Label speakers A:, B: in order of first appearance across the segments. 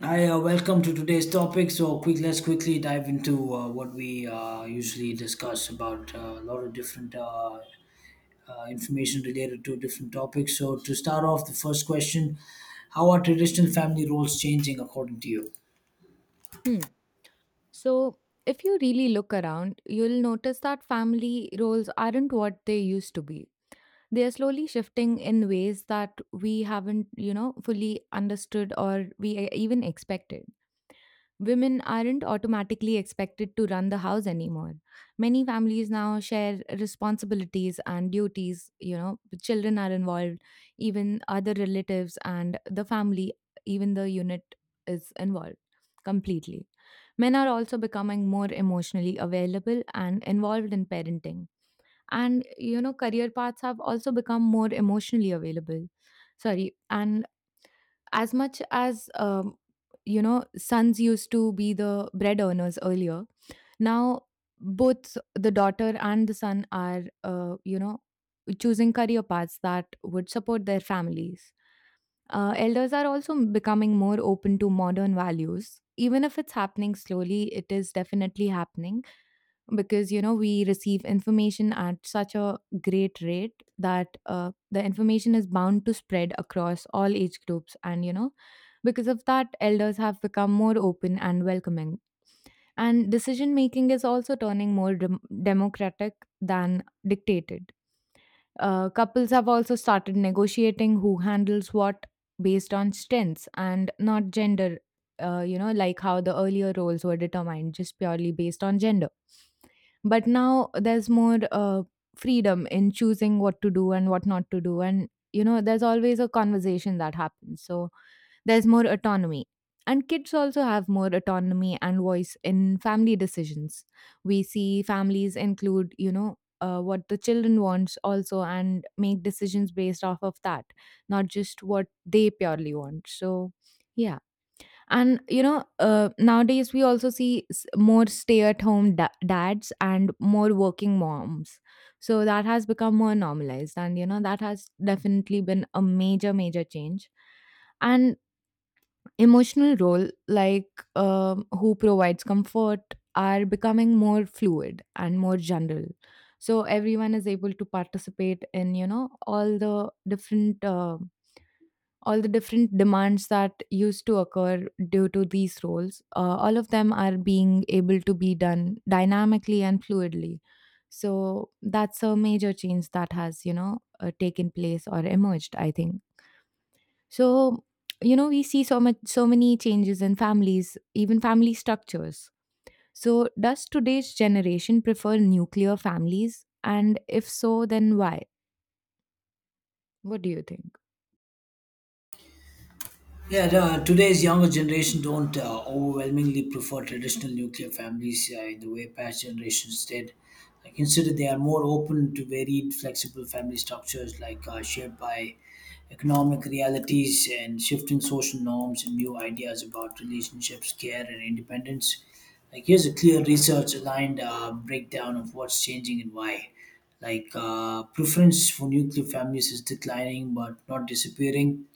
A: Hi, welcome to today's topic. Let's quickly dive into what we usually discuss about a lot of different information related to different topics. So, to start off, the first question: how are traditional family roles changing according to you?
B: Hmm. So, if you really look around, you'll notice that family roles aren't what they used to be. They are slowly shifting in ways that we haven't, you know, fully understood or we even expected. Women aren't automatically expected to run the house anymore. Many families now share responsibilities and duties. You know, the children are involved, even other relatives and the family, even the unit is involved completely. Men are also becoming more emotionally available and involved in parenting. And, you know, career paths have also become more emotionally available. Sorry. And as much as you know, sons used to be the bread earners earlier, now both the daughter and the son are you know, choosing career paths that would support their families. Elders are also becoming more open to modern values, even if it's happening slowly, it is definitely happening, because you know, we receive information at such a great rate that the information is bound to spread across all age groups, and you know, because of that, elders have become more open and welcoming, and decision making is also turning more democratic than dictated. Couples have also started negotiating who handles what based on strengths and not gender. You know, like how the earlier roles were determined just purely based on gender, but now there's more freedom in choosing what to do and what not to do. And, you know, there's always a conversation that happens. So there's more autonomy. And kids also have more autonomy and voice in family decisions. We see families include, you know, what the children wants also, and make decisions based off of that, not just what they purely want. So, yeah, and you know, nowadays we also see more stay at home dads and more working moms, so that has become more normalized, and you know, that has definitely been a major change. And emotional role, like um, who provides comfort are becoming more fluid and more general, so everyone is able to participate in, you know, all the different demands that used to occur due to these roles. All of them are being able to be done dynamically and fluidly. So that's a major change that has, you know, taken place or emerged, I think. So, you know, we see so much, so many changes in families, even family structures. So, does today's generation prefer nuclear families? And if so, then why? What do you think?
A: Yeah, today's younger generation don't overwhelmingly prefer traditional nuclear families in the way past generations did. I consider they are more open to varied, flexible family structures, like shaped by economic realities and shifting social norms and new ideas about relationships, care, and independence. Like here's a clear research-aligned breakdown of what's changing and why. Like preference for nuclear families is declining but not disappearing.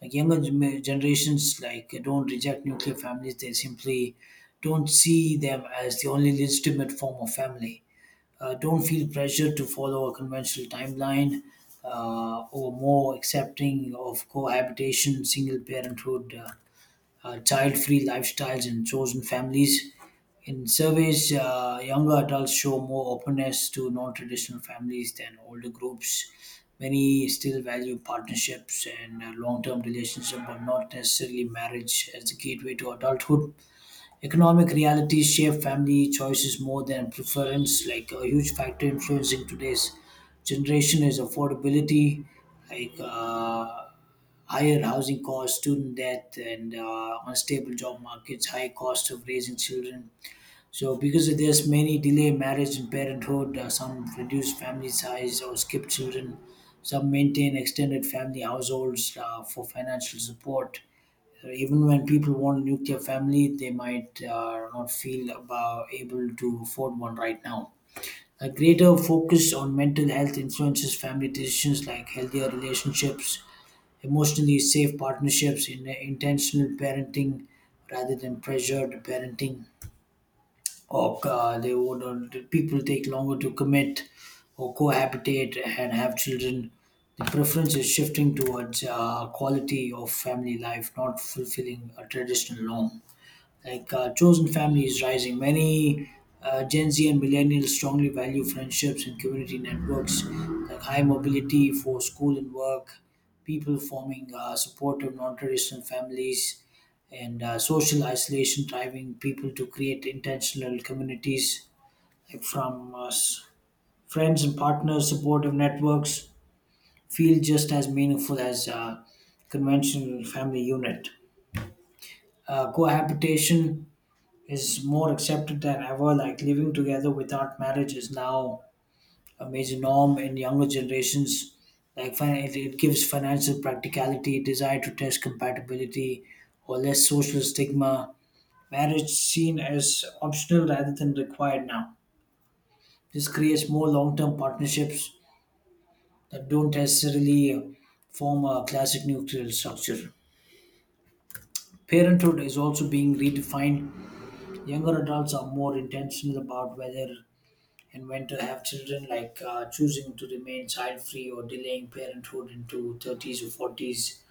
A: Like generations, like, don't reject nuclear families. They simply don't see them as the only legitimate form of family. Don't feel pressure to follow a conventional timeline or more accepting of cohabitation, single parenthood. Child free lifestyles in chosen families. In surveys, younger adults show more openness to non traditional families than older groups. Many still value partnerships and long term relationships, but not necessarily marriage as the gateway to adulthood. Economic realities shape family choices more than preference. Like a huge factor influencing today's generation is affordability, like higher housing costs, student debt, and unstable job markets, high cost of raising children. So because of this, many delay marriage and parenthood. Some reduce family size or skip children. Some maintain extended family households for financial support. Even when people want a nuclear family, they might not feel about able to afford one right now. A greater focus on mental health influences family decisions like healthier relationships, emotionally safe partnerships, in intentional parenting rather than pressured parenting, or they would or the people take longer to commit or cohabitate and have children. The preference is shifting towards quality of family life, not fulfilling a traditional norm. Like chosen family is rising. Many Gen Z and millennials strongly value friendships and community networks, like high mobility for school and work, people forming supportive non-traditional families, and social isolation driving people to create intentional communities, like from friends and partners. Supportive networks feel just as meaningful as conventional family unit. Cohabitation is more accepted than ever. Like living together without marriage is now a major norm in younger generations. Like it gives financial practicality, desire to test compatibility, or less social stigma. Marriage seen as optional rather than required now. This creates more long-term partnerships that don't necessarily form a classic nuclear structure. Parenthood is also being redefined. Younger adults are more intentional about whether and when to have children, like choosing to remain child free or delaying parenthood into 30s or 40s,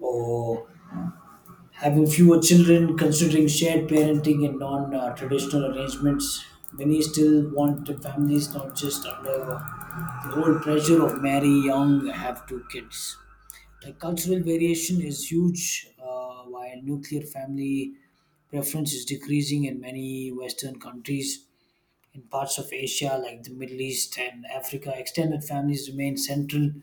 A: or having fewer children, considering shared parenting and non traditional arrangements. Many still want the families not just under the old pressure of marry young, have two kids. The cultural variation is huge. While nuclear family preference is decreasing in many Western countries. In parts of Asia, like the Middle East and Africa, extended families remain central.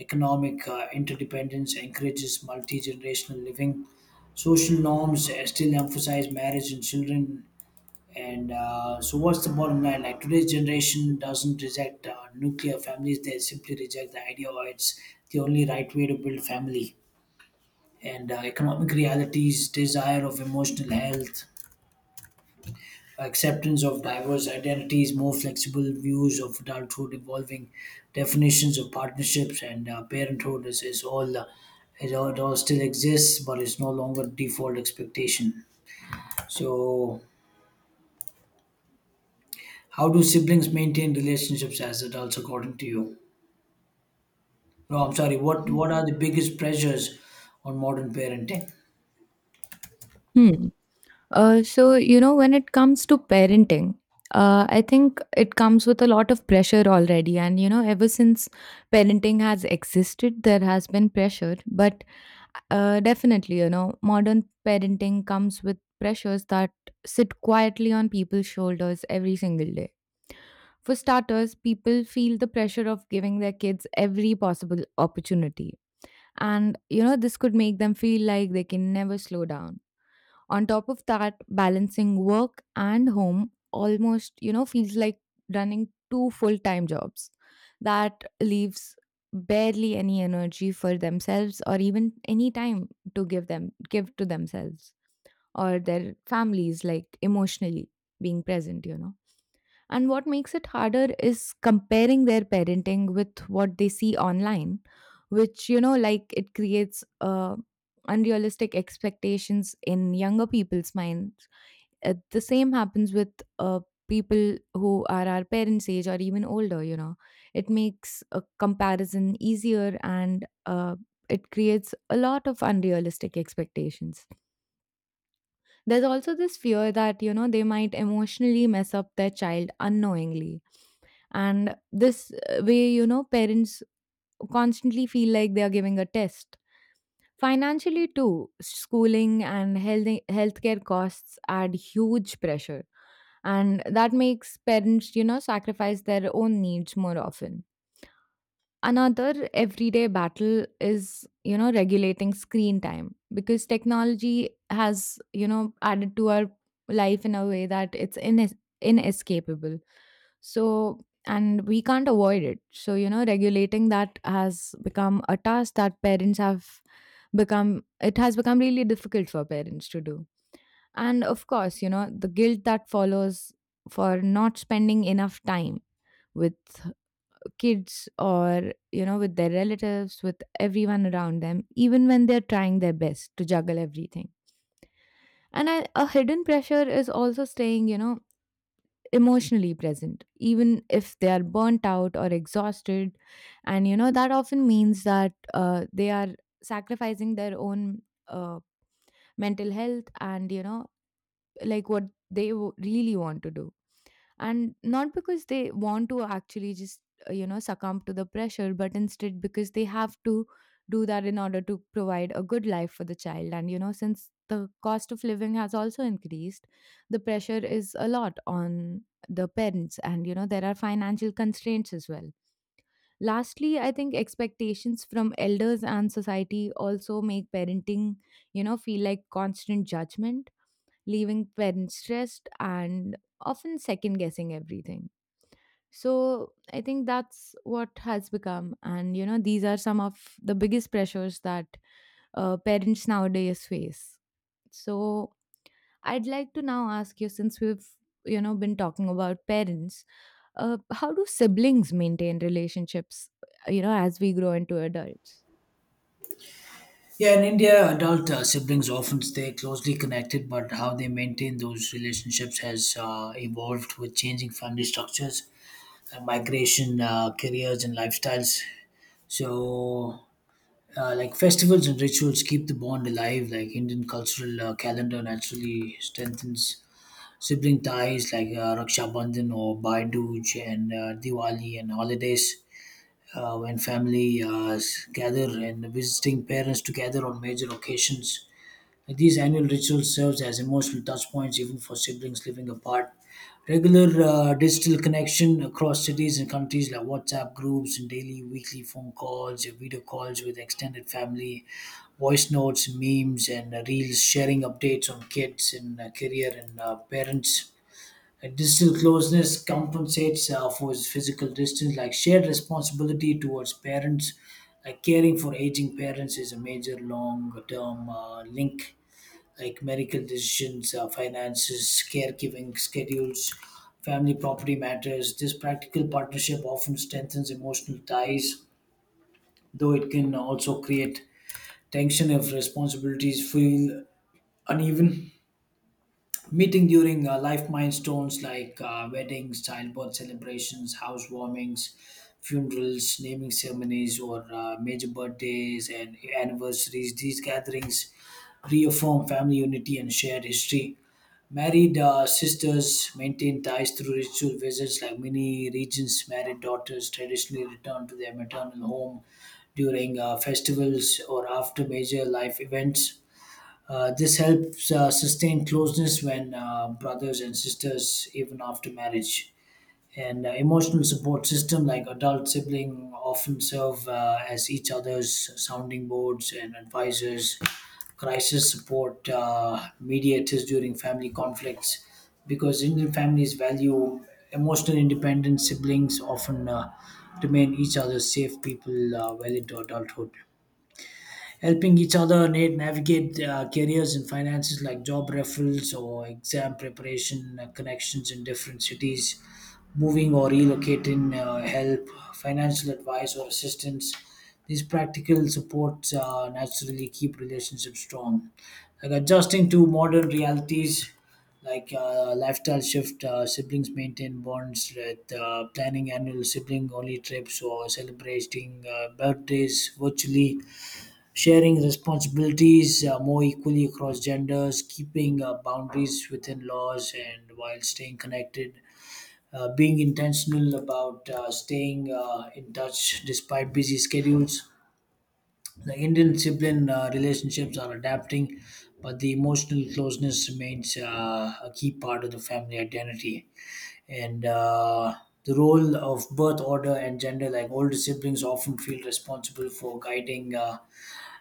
A: Economic interdependence encourages multi generational living. Social norms still emphasize marriage and children. And so, what's the bottom line? Like today's generation doesn't reject nuclear families; they simply reject the idea, or it's the only right way to build family. And economic realities, desire of emotional health, acceptance of diverse identities, more flexible views of adulthood, evolving definitions of partnerships and parenthood is all it all still exists, but it's no longer default expectation. So, how do siblings maintain relationships as adults, according to you? No, I'm sorry. What are the biggest pressures on modern parenting?
B: Hmm. So, you know, when it comes to parenting, I think it comes with a lot of pressure already. And, you know, ever since parenting has existed, there has been pressure. But definitely, you know, modern parenting comes with pressures that sit quietly on people's shoulders every single day. For starters, people feel the pressure of giving their kids every possible opportunity. And, you know, this could make them feel like they can never slow down. On top of that, balancing work and home almost, you know, feels like running two full-time jobs. That leaves barely any energy for themselves, or even any time to give to themselves or their families, like emotionally being present, you know. And what makes it harder is comparing their parenting with what they see online, which, you know, like it creates unrealistic expectations in younger people's minds. The same happens with uh, people who are our parents' age or even older, you know. It makes a comparison easier, and it creates a lot of unrealistic expectations. There's also this fear that, you know, they might emotionally mess up their child unknowingly, and this way, you know, parents constantly feel like they are giving a test. Financially too, schooling and healthcare costs add huge pressure, and that makes parents, you know, sacrifice their own needs more often. Another everyday battle is, you know, regulating screen time, because technology has, you know, added to our life in a way that it's inescapable. So, and we can't avoid it. So, you know, regulating that has become a task that it has become really difficult for parents to do. And of course, you know, the guilt that follows for not spending enough time with kids, or, you know, with their relatives, with everyone around them, even when they're trying their best to juggle everything. A hidden pressure is also staying, you know, emotionally present even if they are burnt out or exhausted. And you know, that often means that they are sacrificing their own uh, mental health, and you know, like what they really want to do, and not because they want to actually just you know, succumb to the pressure, but instead because they have to do that in order to provide a good life for the child. And you know, since the cost of living has also increased, the pressure is a lot on the parents, and you know, there are financial constraints as well. Lastly, I think expectations from elders and society also make parenting, you know, feel like constant judgment, leaving parents stressed and often second guessing everything. So I think that's what has become. And, you know, these are some of the biggest pressures that parents nowadays face. So I'd like to now ask you, since we've, you know, been talking about parents, how do siblings maintain relationships, you know, as we grow into adults?
A: Yeah, in India, adult siblings often stay closely connected, but how they maintain those relationships has evolved with changing family structures, migration, careers, and lifestyles. So, like festivals and rituals keep the bond alive. Like Indian cultural calendar naturally strengthens sibling ties, like Raksha Bandhan or Bhai Dooj and Diwali and holidays. When gather and visiting parents together on major occasions, these annual rituals serves as emotional touchpoints even for siblings living apart. Regular digital connection across cities and countries, like WhatsApp groups and daily, weekly phone calls, video calls with extended family, voice notes, memes, and reels, sharing updates on kids and career and parents. Digital closeness compensates for its physical distance, like shared responsibility towards parents. Like caring for aging parents is a major long term link, like medical decisions, finances, caregiving schedules, family property matters. This practical partnership often strengthens emotional ties, though it can also create tension if responsibilities feel uneven. Meeting during life milestones like weddings, childbirth celebrations, housewarmings, funerals, naming ceremonies, or major birthdays and anniversaries. These gatherings reaffirm family unity and shared history. Married sisters maintain ties through ritual visits, like many regions. Married daughters traditionally return to their maternal home during festivals or after major life events. This helps sustain closeness when brothers and sisters, even after marriage and emotional support system like adult sibling often serve as each other's sounding boards and advisors, crisis support, mediators during family conflicts. Because Indian families value emotional independence, siblings often remain each other's safe people well into adulthood, helping each other navigate careers and finances, like job referrals or exam preparation, connections in different cities, moving or relocating, help, financial advice or assistance. These practical supports naturally keep relationships strong. Like adjusting to modern realities, like lifestyle shift, siblings maintain bonds with planning annual sibling only trips or celebrating birthdays virtually, sharing responsibilities more equally across genders, keeping boundaries within laws, and while staying connected, being intentional about staying in touch despite busy schedules. The Indian sibling relationships are adapting, but the emotional closeness remains a key part of the family identity. And the role of birth order and gender, like older siblings, often feel responsible for guiding.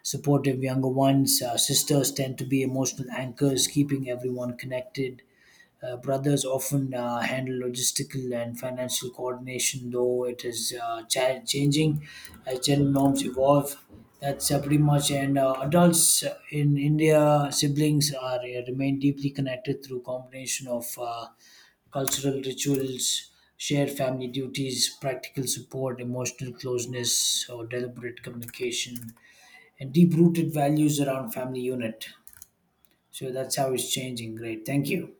A: Supportive younger ones. Sisters tend to be emotional anchors, keeping everyone connected. Brothers often handle logistical and financial coordination, though it is changing as gender norms evolve. That's pretty much. And adults in India, siblings are remain deeply connected through combination of cultural rituals, shared family duties, practical support, emotional closeness, or deliberate communication and deep rooted values around family unit. So that's how it's changing. Great. Thank you.